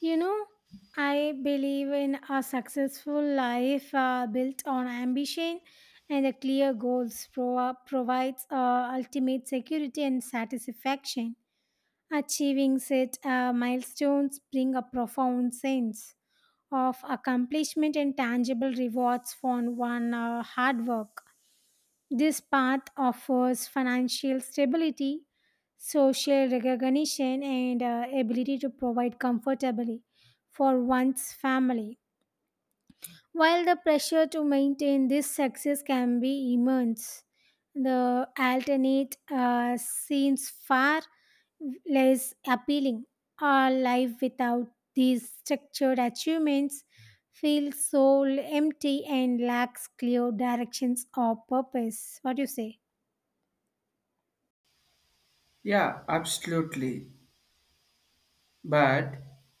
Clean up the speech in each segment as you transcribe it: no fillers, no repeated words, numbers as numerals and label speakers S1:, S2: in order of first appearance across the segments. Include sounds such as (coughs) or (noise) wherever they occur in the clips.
S1: You know, I believe in a successful life built on ambition and a clear goals provides ultimate security and satisfaction. Achieving set milestones bring a profound sense of accomplishment and tangible rewards for one hard work. This path offers financial stability, social recognition, and ability to provide comfortably for one's family. While the pressure to maintain this success can be immense, the alternate seems far less appealing. Our life without these structured achievements feels so empty and lacks clear directions or purpose. What do you say?
S2: Yeah, absolutely. But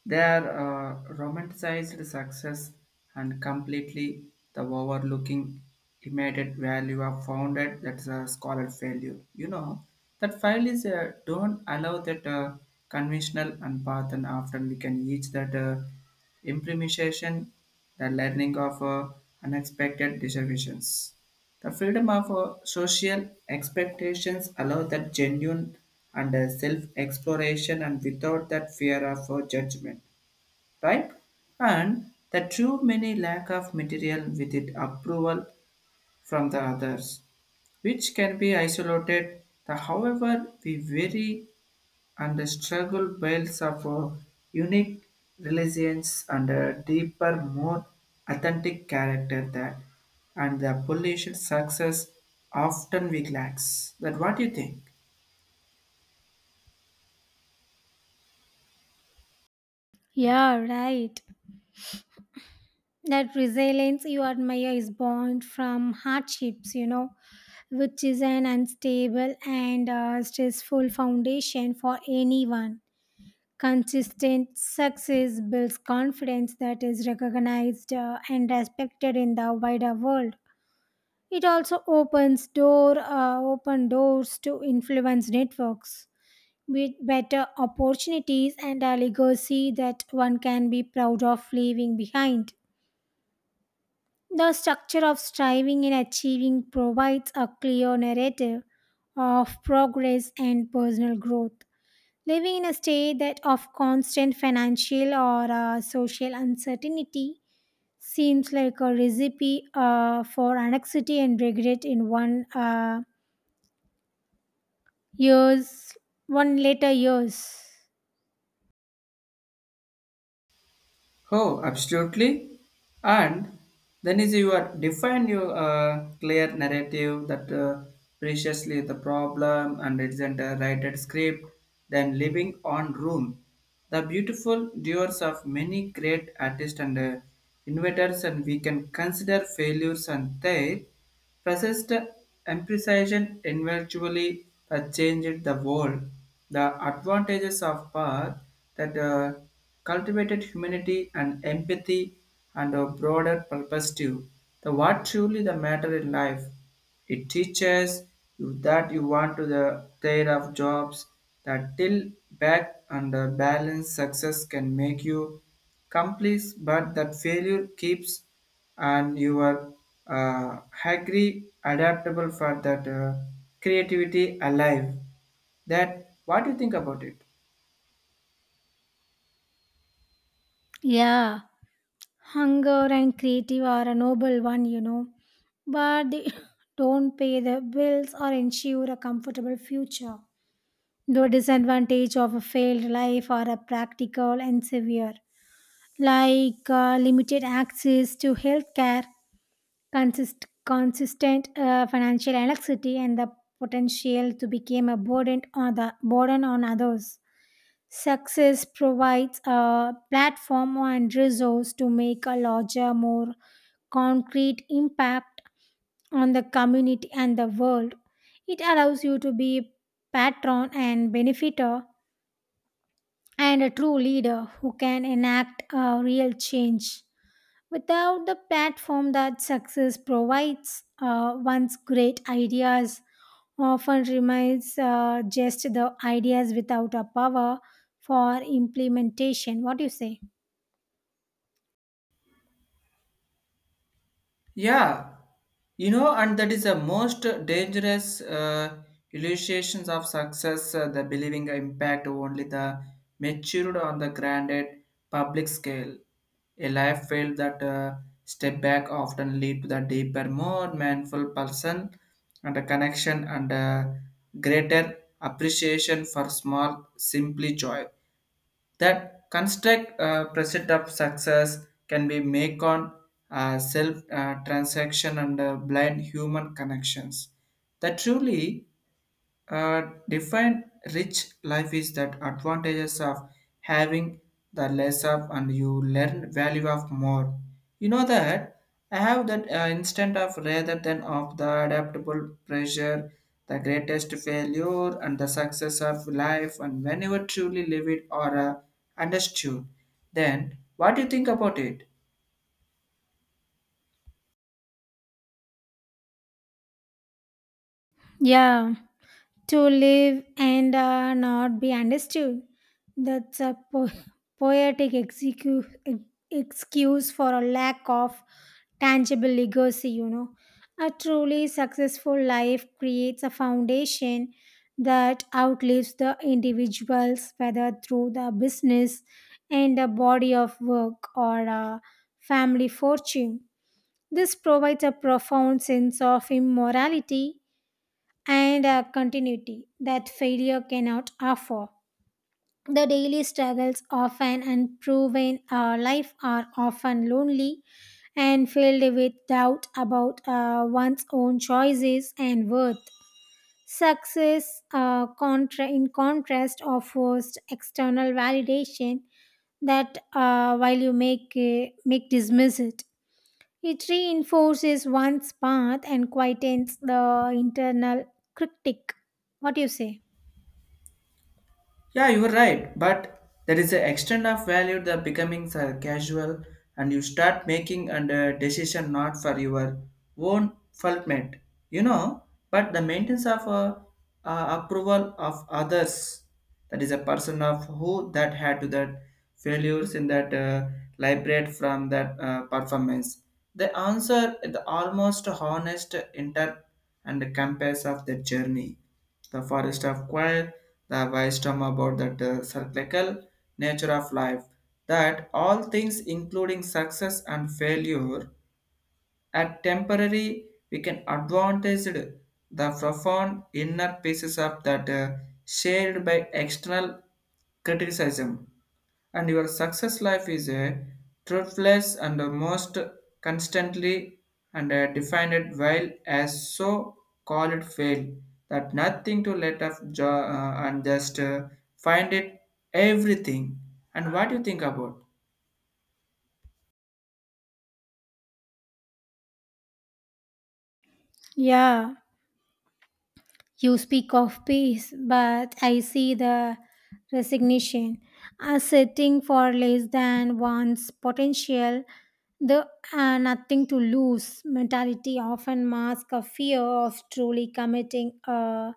S2: their romanticized success and completely the overlooking immediate value are founded that's a scholar failure. You know, that file is don't allow that conventional and path and often we can reach that implementation, the learning of unexpected deviations. The freedom of social expectations allow that genuine and self-exploration and without that fear of judgment, right? And the true many lack of material with it approval from the others, which can be isolated. The, however, we vary and the struggle builds up a unique resilience and a deeper, more authentic character that and the pollution success often we lacks. That what do you think?
S1: Yeah, right. That resilience you admire is born from hardships, you know, which is an unstable and stressful foundation for anyone. Consistent success builds confidence that is recognized and respected in the wider world. It also opens door open doors to influence networks with better opportunities and a legacy that one can be proud of leaving behind. The structure of striving and achieving provides a clear narrative of progress and personal growth. Living in a state that of constant financial or social uncertainty seems like a recipe for anxiety and regret in years, one later years.
S2: Oh, absolutely. And then is you are define your clear narrative that preciously the problem and it isn't a written script, then living on room. The beautiful doers of many great artists and inventors and we can consider failures and their Fascist imprecision eventually changed the world. The advantages of power that cultivated humanity and empathy and a broader perspective. The what truly the matter in life. It teaches you that you want to the care of jobs that till back and the balance success can make you complete but that failure keeps and you are agri adaptable for that creativity alive that what do you think about it?
S1: Yeah. Hunger and creative are a noble one, you know, but they (laughs) don't pay the bills or ensure a comfortable future. The disadvantage of a failed life are a practical and severe, like limited access to healthcare, consistent financial elasticity, and the potential to become a burden on others. Success provides a platform and resource to make a larger, more concrete impact on the community and the world. It allows you to be patron and benefiter and a true leader who can enact a real change. Without the platform that success provides, one's great ideas often remains just the ideas without a power for implementation. What do you say?
S2: Yeah, you know, and that is the most dangerous illustrations of success, the believing impact only the matured on the granted public scale. A life failed that step back often lead to the deeper, more mindful person and a connection and a greater appreciation for small, simply joy that construct precedent of success can be make on self transaction and blind human connections that truly define rich life is that advantages of having the less of and you learn value of more. You know that I have that instant of rather than of the adaptable pressure, the greatest failure and the success of life and whenever truly live it or understood. Then what do you think about it?
S1: Yeah. To live and not be understood. That's a poetic excuse for a lack of tangible legacy, you know. A truly successful life creates a foundation that outlives the individuals, whether through the business and a body of work or a family fortune. This provides a profound sense of immorality and a continuity that failure cannot offer. The daily struggles of an unproven life are often lonely and filled with doubt about one's own choices and worth. Success, in contrast, offers external validation that while you make dismiss it. It reinforces one's path and quietens the internal critic. What do you say?
S2: Yeah, you are right, but there is an extent of value that becoming so casual and you start making and decision not for your own fulfillment, you know, but the maintenance of approval of others, that is a person of who that had to that failures in that liberate from that performance. The answer is the almost honest inter and compass of the journey the forest of quiet, the wisdom about the cyclical nature of life, that all things including success and failure are temporary, we can advantage it. The profound inner pieces of that shared by external criticism and your success life is a truthless and the most constantly and a defined while as so call it fail that nothing to let up and just find it everything and what do you think about?
S1: Yeah. You speak of peace, but I see the resignation as setting for less than one's potential. The nothing to lose mentality often masks a fear of truly committing a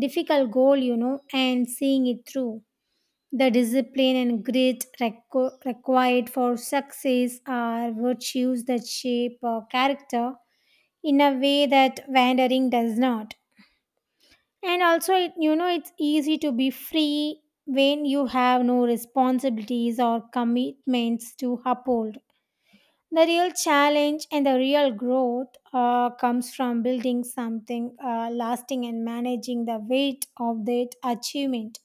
S1: difficult goal, you know, and seeing it through. The discipline and grit required for success are virtues that shape our character in a way that wandering does not. And also, it, you know, it's easy to be free when you have no responsibilities or commitments to uphold. The real challenge and the real growth comes from building something lasting and managing the weight of that achievement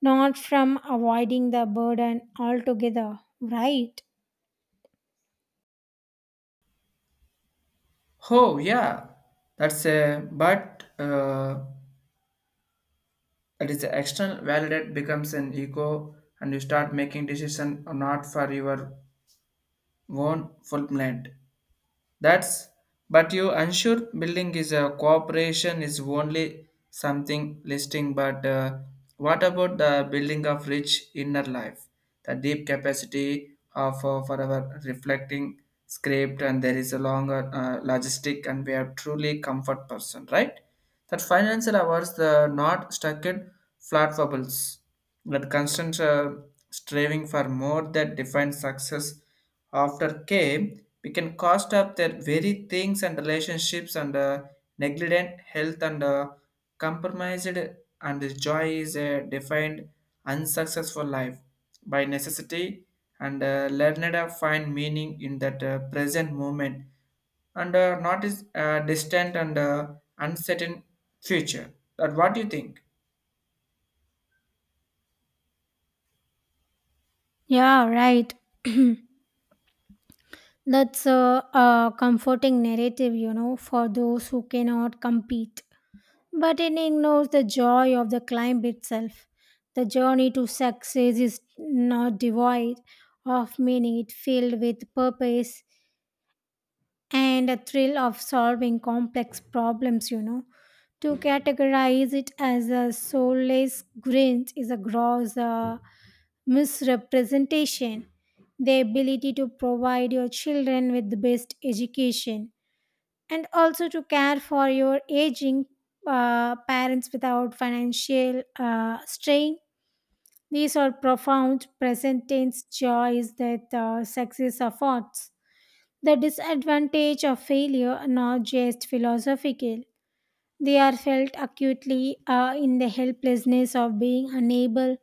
S1: not from avoiding the burden altogether, right?
S2: Oh, yeah, that's a but that is a external validate becomes an ego and you start making decision or not for your own fulfillment. That's but you unsure building is a cooperation is only something listing, but what about the building of rich inner life, the deep capacity of forever reflecting script, and there is a longer logistic, and we are truly comfort person, right? That financial hours the not stuck in flat bubbles. But constant striving for more that defines success after came, we can cost up their very things and relationships and negligent health and compromised and the joy is a defined unsuccessful life by necessity and learned to find meaning in that present moment and not is distant and uncertain future. But what do you think?
S1: Yeah, right. (clears throat) That's a comforting narrative, you know, for those who cannot compete. But it ignores the joy of the climb itself. The journey to success is not devoid of meaning, it filled with purpose and a thrill of solving complex problems, you know. To categorize it as a soulless grinch is a gross misrepresentation, the ability to provide your children with the best education, and also to care for your aging parents without financial strain. These are profound present tense joys that success affords. The disadvantage of failure are not just philosophical, they are felt acutely in the helplessness of being unable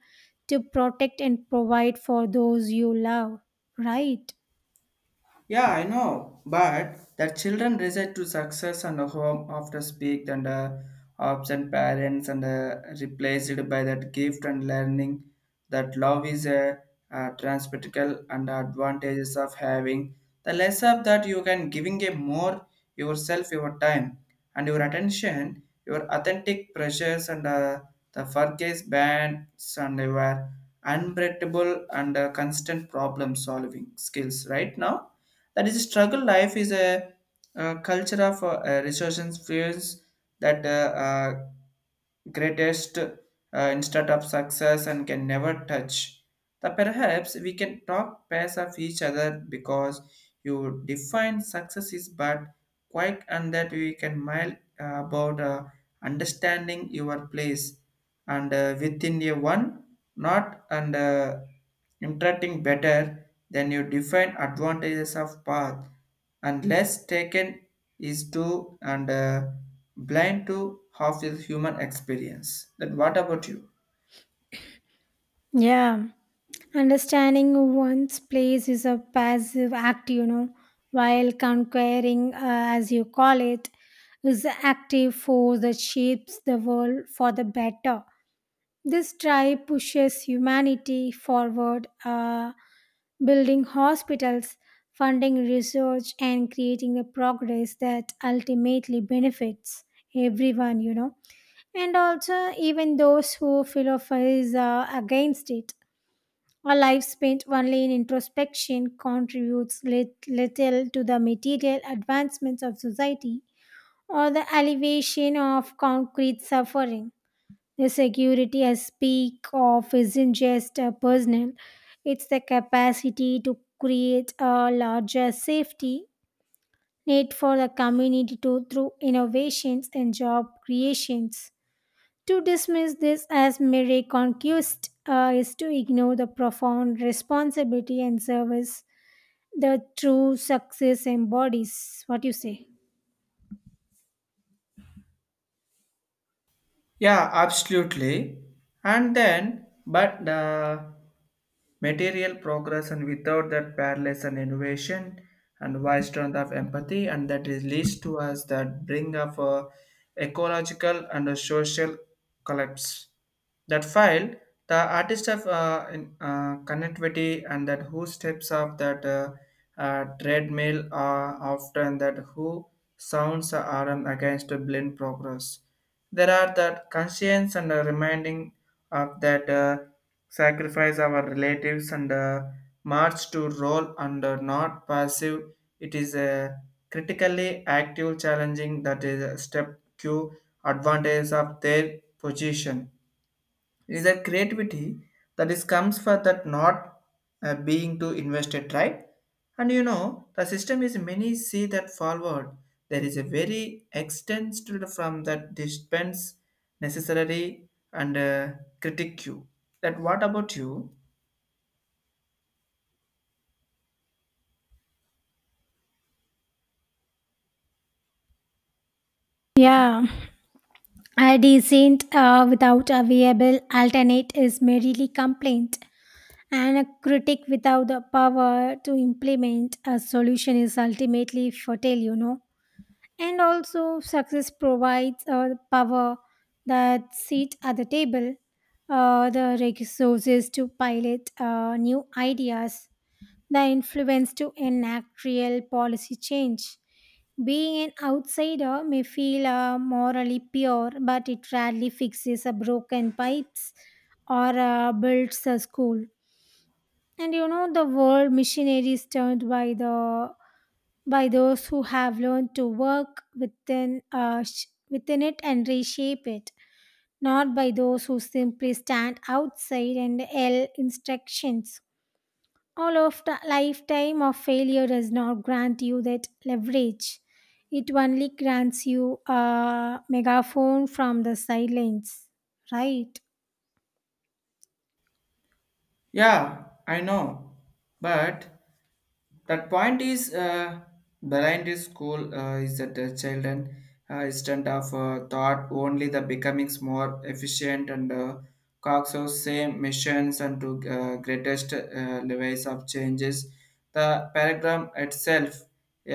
S1: to protect and provide for those you love, right?
S2: Yeah, I know, but that children resort to success and a home after speak and absent parents and replaced by that gift and learning that love is a, transpersonal and advantages of having the less of that you can giving a more yourself your time and your attention your authentic pressures and the focus bands and your unbreakable and constant problem solving skills right now that is, struggle life is a, culture of resources fears that greatest instead of success and can never touch. That perhaps we can talk pairs of each other because you define success is but quick and that we can mile about understanding your place and within a one not and interacting better than you define advantages of path and less taken is to and blind to half the human experience then what about you?
S1: Yeah. Understanding one's place is a passive act, you know, while conquering, as you call it, is the active force that shapes the world for the better. This drive pushes humanity forward, building hospitals, funding research, and creating the progress that ultimately benefits everyone, you know, and also even those who philosophize against it. A life spent only in introspection contributes little to the material advancements of society or the alleviation of concrete suffering. The security I speak of isn't just a personal, it's the capacity to create a larger safety net for the community to, through innovations and job creations. To dismiss this as mere conquest is to ignore the profound responsibility and service the true success embodies. What do you say?
S2: Yeah, absolutely. And then but material progress and without that parallels and innovation and wise strength of empathy and that is leads to us that bring of a ecological and a social collapse that file the artist of connectivity and that who steps off that treadmill often that who sounds are against a blind progress there are that conscience and a reminding of that sacrifice our relatives and march to role and not passive. It is a critically active challenging that is a step Q advantage of their position. It is a creativity that is comes for that not being too invested, right? And you know, the system is many see that forward. There is a very extended from that dispense necessary and critique you. That what about you?
S1: Yeah, a decent without a viable alternate is merely complaint. And a critic without the power to implement a solution is ultimately fertile, you know. And also, success provides the power that seat at the table, the resources to pilot new ideas, the influence to enact real policy change. Being an outsider may feel morally pure, but it rarely fixes a broken pipes or builds a school. And you know, the word missionary is termed by the by those who have learned to work within within it and reshape it, not by those who simply stand outside and yell instructions. All of the lifetime of failure does not grant you that leverage. It only grants you a megaphone from the silence, right?
S2: Yeah, I know. But that point is behind this school is that the children instead of thought only the becoming more efficient and cogs of same missions and to greatest levels of changes. The paragraph itself uh,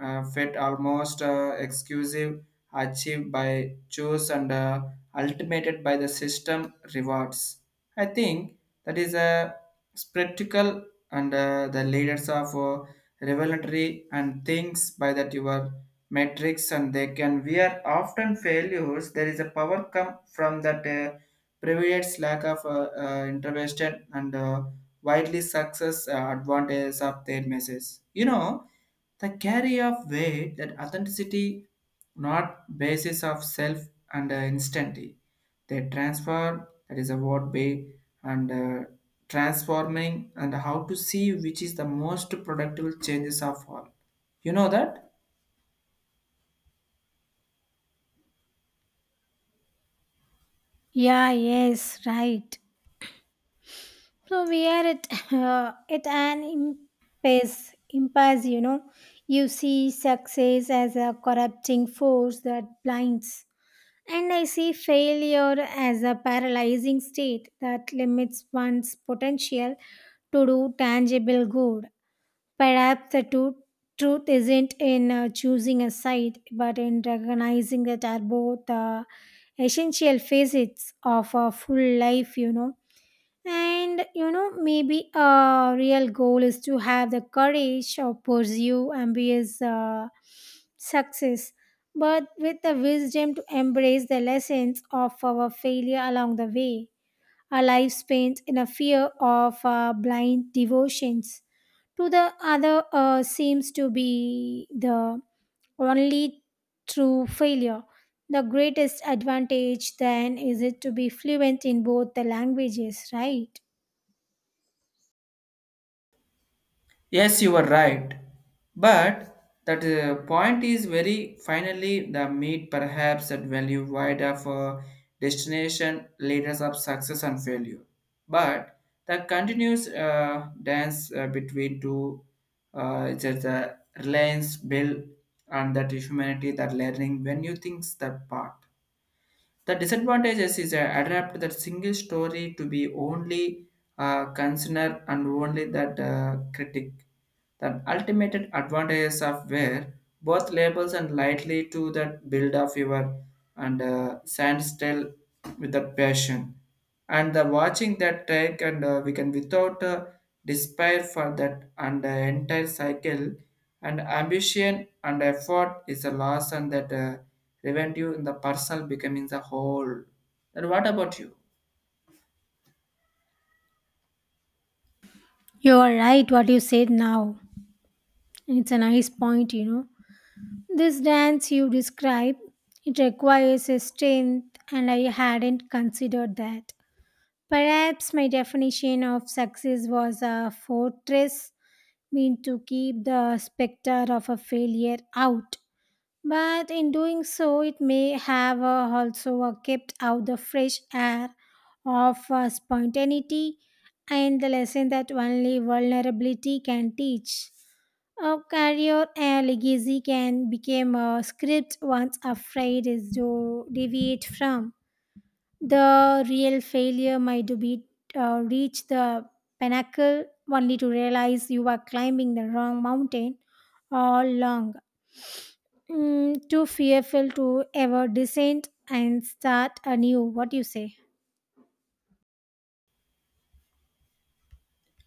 S2: uh, fit almost exclusive achieved by choice and ultimated by the system rewards. I think that is a spectacle and the leaders of revelatory and things by that your metrics and they can we are often failures there is a power come from that previous lack of intervention and widely success advantages of their message, you know, the carry of weight that authenticity not basis of self and instantly they transfer that is a word way and transforming and how to see which is the most productive changes of all, you know that.
S1: Yeah, yes, right. So we are at (laughs) at an impasse, you know, you see success as a corrupting force that blinds, and I see failure as a paralyzing state that limits one's potential to do tangible good. Perhaps the truth isn't in choosing a side, but in recognizing that are both essential facets of a full life. You know, and you know, maybe a real goal is to have the courage to pursue ambitious success, but with the wisdom to embrace the lessons of our failure along the way. Our life spent in a fear of blind devotions to the other seems to be the only true failure. The greatest advantage then is it to be fluent in both the languages, right?
S2: Yes, you are right. But that point is very finally the meet perhaps that value wide of destination leaders of success and failure. But the continuous dance between two it's just a reliance build and that humanity that learning when you think that part. The disadvantages is adapt that single story to be only consider and only that critic. The ultimate advantages of where both labels and lightly to that build of your and stand still with that passion and the watching that track, and we can without despair for that and the entire cycle and ambition and effort is a loss and that revenue in the personal becoming the whole and what about you?
S1: You are right what you said now. It's a nice point, you know. This dance you describe, it requires a strength and I hadn't considered that. Perhaps my definition of success was a fortress meant to keep the specter of a failure out. But in doing so, it may have also kept out the fresh air of spontaneity and the lesson that only vulnerability can teach. A career legacy can become a script once afraid is to deviate from. The real failure might be reach the pinnacle only to realize you are climbing the wrong mountain all along. Mm, too fearful to ever descend and start anew. What do you say?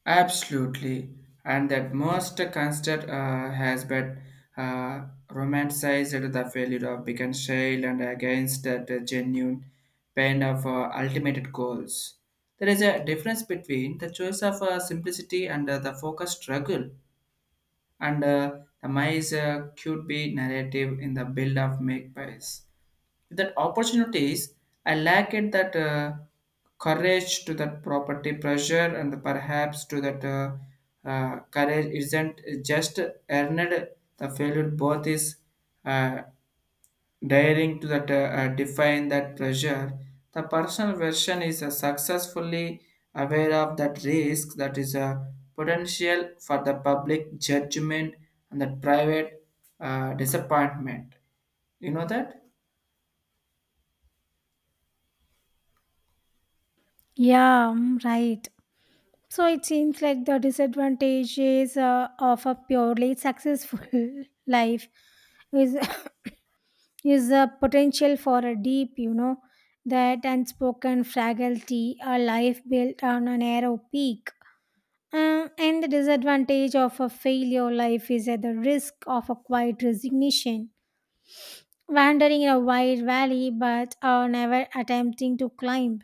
S2: Absolutely, and that most constant has been romanticized the failure of being child and against that genuine pain of ultimate goals. There is a difference between the choice of simplicity and the focused struggle, and the mice could be narrative in the build of make pies that opportunities I lack it that courage to that property pressure and perhaps to that courage isn't just earned the failure both is uh, daring to that define that pressure the personal version is successfully aware of that risk that is a potential for the public judgment and the private disappointment, you know that.
S1: Yeah, mm, right. So it seems like the disadvantages of a purely successful (laughs) life is (coughs) is a potential for a deep, you know, that unspoken fragility, a life built on a narrow peak. And the disadvantage of a failure life is at the risk of a quiet resignation, wandering in a wide valley but never attempting to climb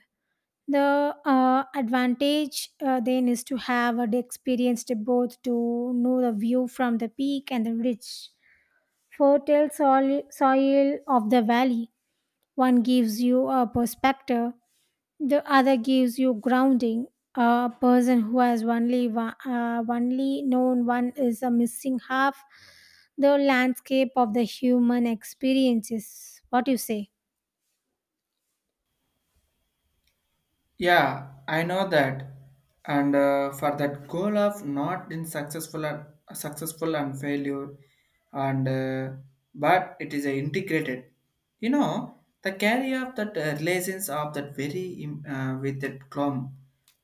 S1: the advantage then is to have experienced both to know the view from the peak and the rich fertile soil of the valley. One gives you a perspective, the other gives you grounding. A person who has only known one is a missing half the landscape of the human experiences. What do you say?
S2: Yeah, I know that. And for that goal of not in successful and successful and failure, and but it is a integrated. You know the carry of that relations of that very with that clump,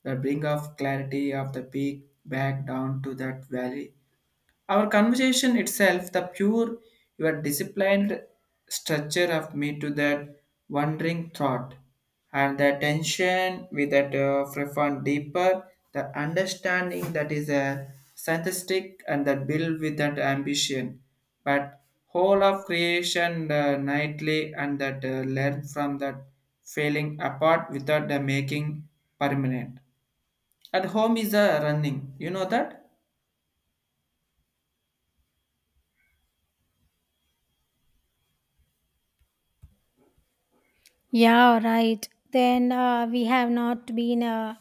S2: the bring of clarity of the peak back down to that valley our conversation itself, the pure, your disciplined structure of me to that wandering thought, and the tension with that profound deeper, the understanding that is a synthetic and that build with that ambition, but whole of creation nightly and that learn from that failing apart without the making permanent. At home is a running, you know that.
S1: Yeah, right. Then we have not been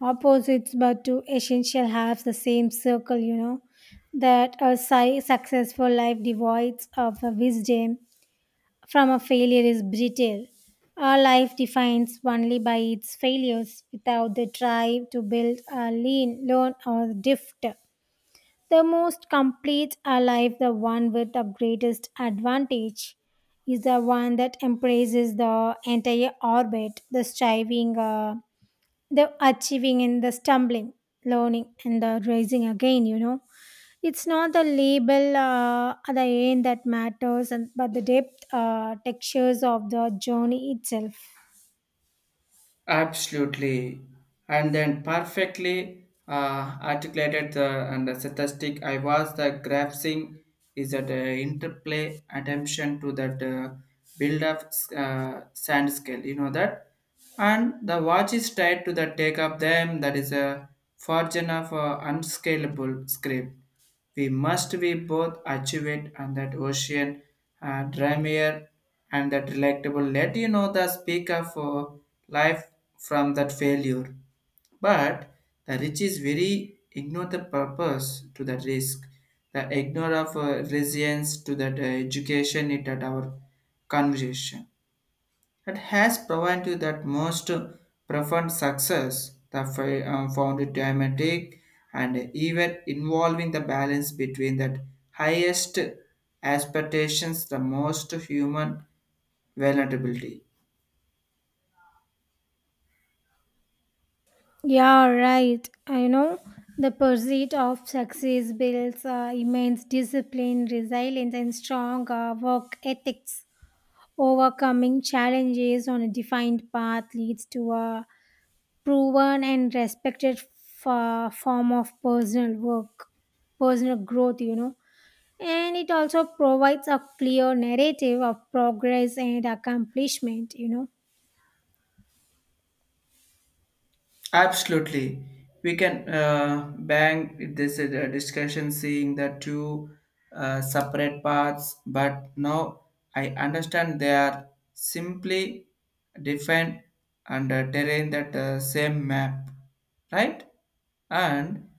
S1: opposites but two essential halves the same circle, you know, that a successful life divides of a wisdom from a failure is brittle. A life defined only by its failures without the drive to build a lean learn or drift, the most complete a life, the one with the greatest advantage is the one that embraces the entire orbit, the striving the achieving and the stumbling, learning and the rising again, you know. It's not the label at the end that matters, and but the depth textures of the journey itself.
S2: Absolutely. And then perfectly articulated the and the statistic I was the grasping is that interplay attention to that build up sand scale, you know that? And the watch is tied to the take up them that is a fortune of unscalable script we must be both achieved and that ocean dreamier and that delectable. Let you know the speaker for life from that failure. But the rich is very ignore the purpose to that risk. The ignore of resilience to that education it at our conversation that has provided you that most profound success that found it dramatic and even involving the balance between that highest aspirations the most human vulnerability.
S1: Yeah, right, I know. The pursuit of success builds immense discipline, resilience and strong work ethics. Overcoming challenges on a defined path leads to a proven and respected form of personal growth, you know. And it also provides a clear narrative of progress and accomplishment, you know.
S2: Absolutely. We can bang this discussion seeing the two separate paths, but now I understand they are simply defined under terrain that same map, right? And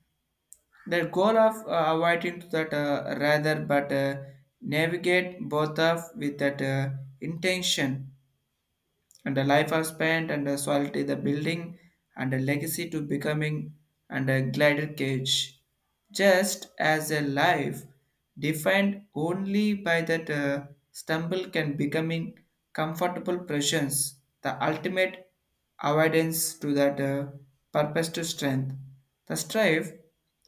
S2: the goal of avoiding to that rather but navigate both of with that intention and the life are spent and the solidity the building and a legacy to becoming and a glider cage just as a life defined only by that stumble can becoming comfortable presence the ultimate avoidance to that purpose to strength the strife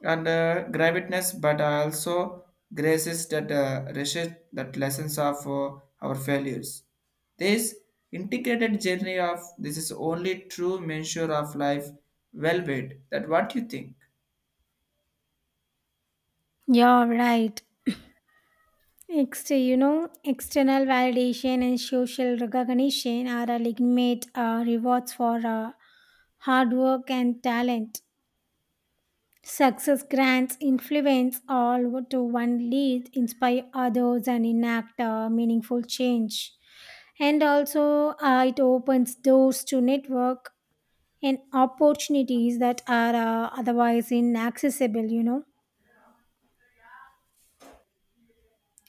S2: and gravitness but also graces that resist that lessons of our failures this integrated journey of this is only true measure of life well-being. That what you think.
S1: Yeah, right. You know, external validation and social recognition are a legitimate rewards for hard work and talent. Success grants influence all to one lead, inspire others, and enact meaningful change. And also, it opens doors to network and opportunities that are otherwise inaccessible, you know.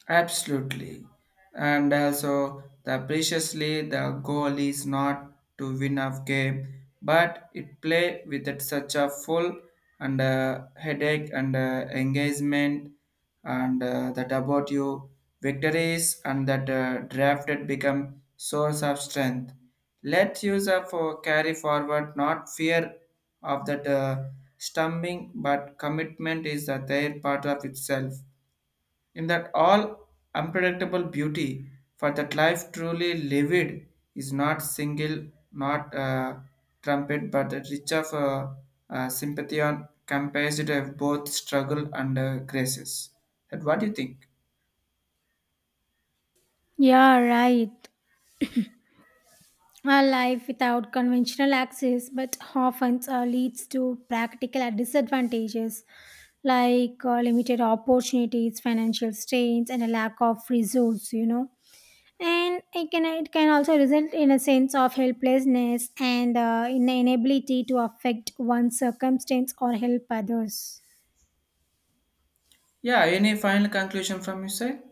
S2: Absolutely. And also, the preciously the goal is not to win a game, but it play with it such a full and headache and engagement and that about you victories and that drafted become source of strength. Let user for carry forward, not fear of that stumbling, but commitment is that their part of itself in that all unpredictable beauty for that life truly livid is not single not trumpet but the rich of sympathy on capacity of both struggle and graces that what do you think?
S1: Yeah, right. A life without conventional access, but often leads to practical disadvantages like limited opportunities, financial strains, and a lack of resource, you know. And it can also result in a sense of helplessness and in the inability to affect one's circumstance or help others.
S2: Yeah, any final conclusion from you side.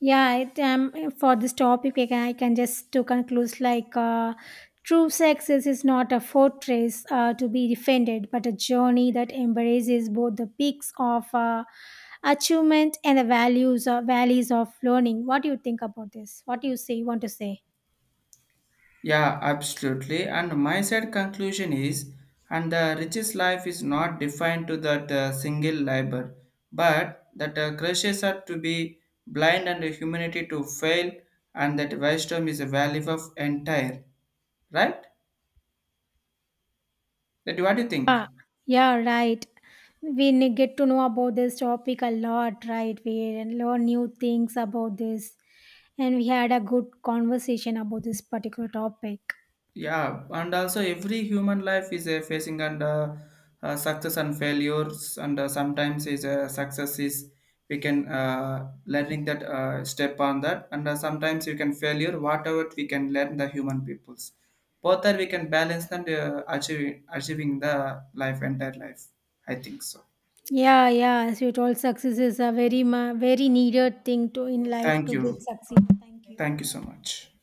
S1: Yeah, for this topic I can just to conclude like true success is not a fortress to be defended but a journey that embraces both the peaks of achievement and the values or valleys of learning. What do you think about this? What do you say you want to say?
S2: Yeah, absolutely. And my side conclusion is, and the richest life is not defined to that single labor, but that crushes are to be blind and humanity to fail, and that wisdom is a value of entire. Right? That what do you think?
S1: Yeah, right. We get to know about this topic a lot, right? We learn new things about this, and we had a good conversation about this particular topic.
S2: Yeah, and also every human life is facing under success and failures and sometimes is success is we can learning that step on that and sometimes you can failure whatever we can learn the human peoples both are we can balance and achieving the life entire life I think so.
S1: Yeah, yeah. As you told, success is a very needed thing to in life
S2: Thank
S1: to get
S2: you.
S1: succeed. Thank
S2: Thank
S1: you.
S2: you so much.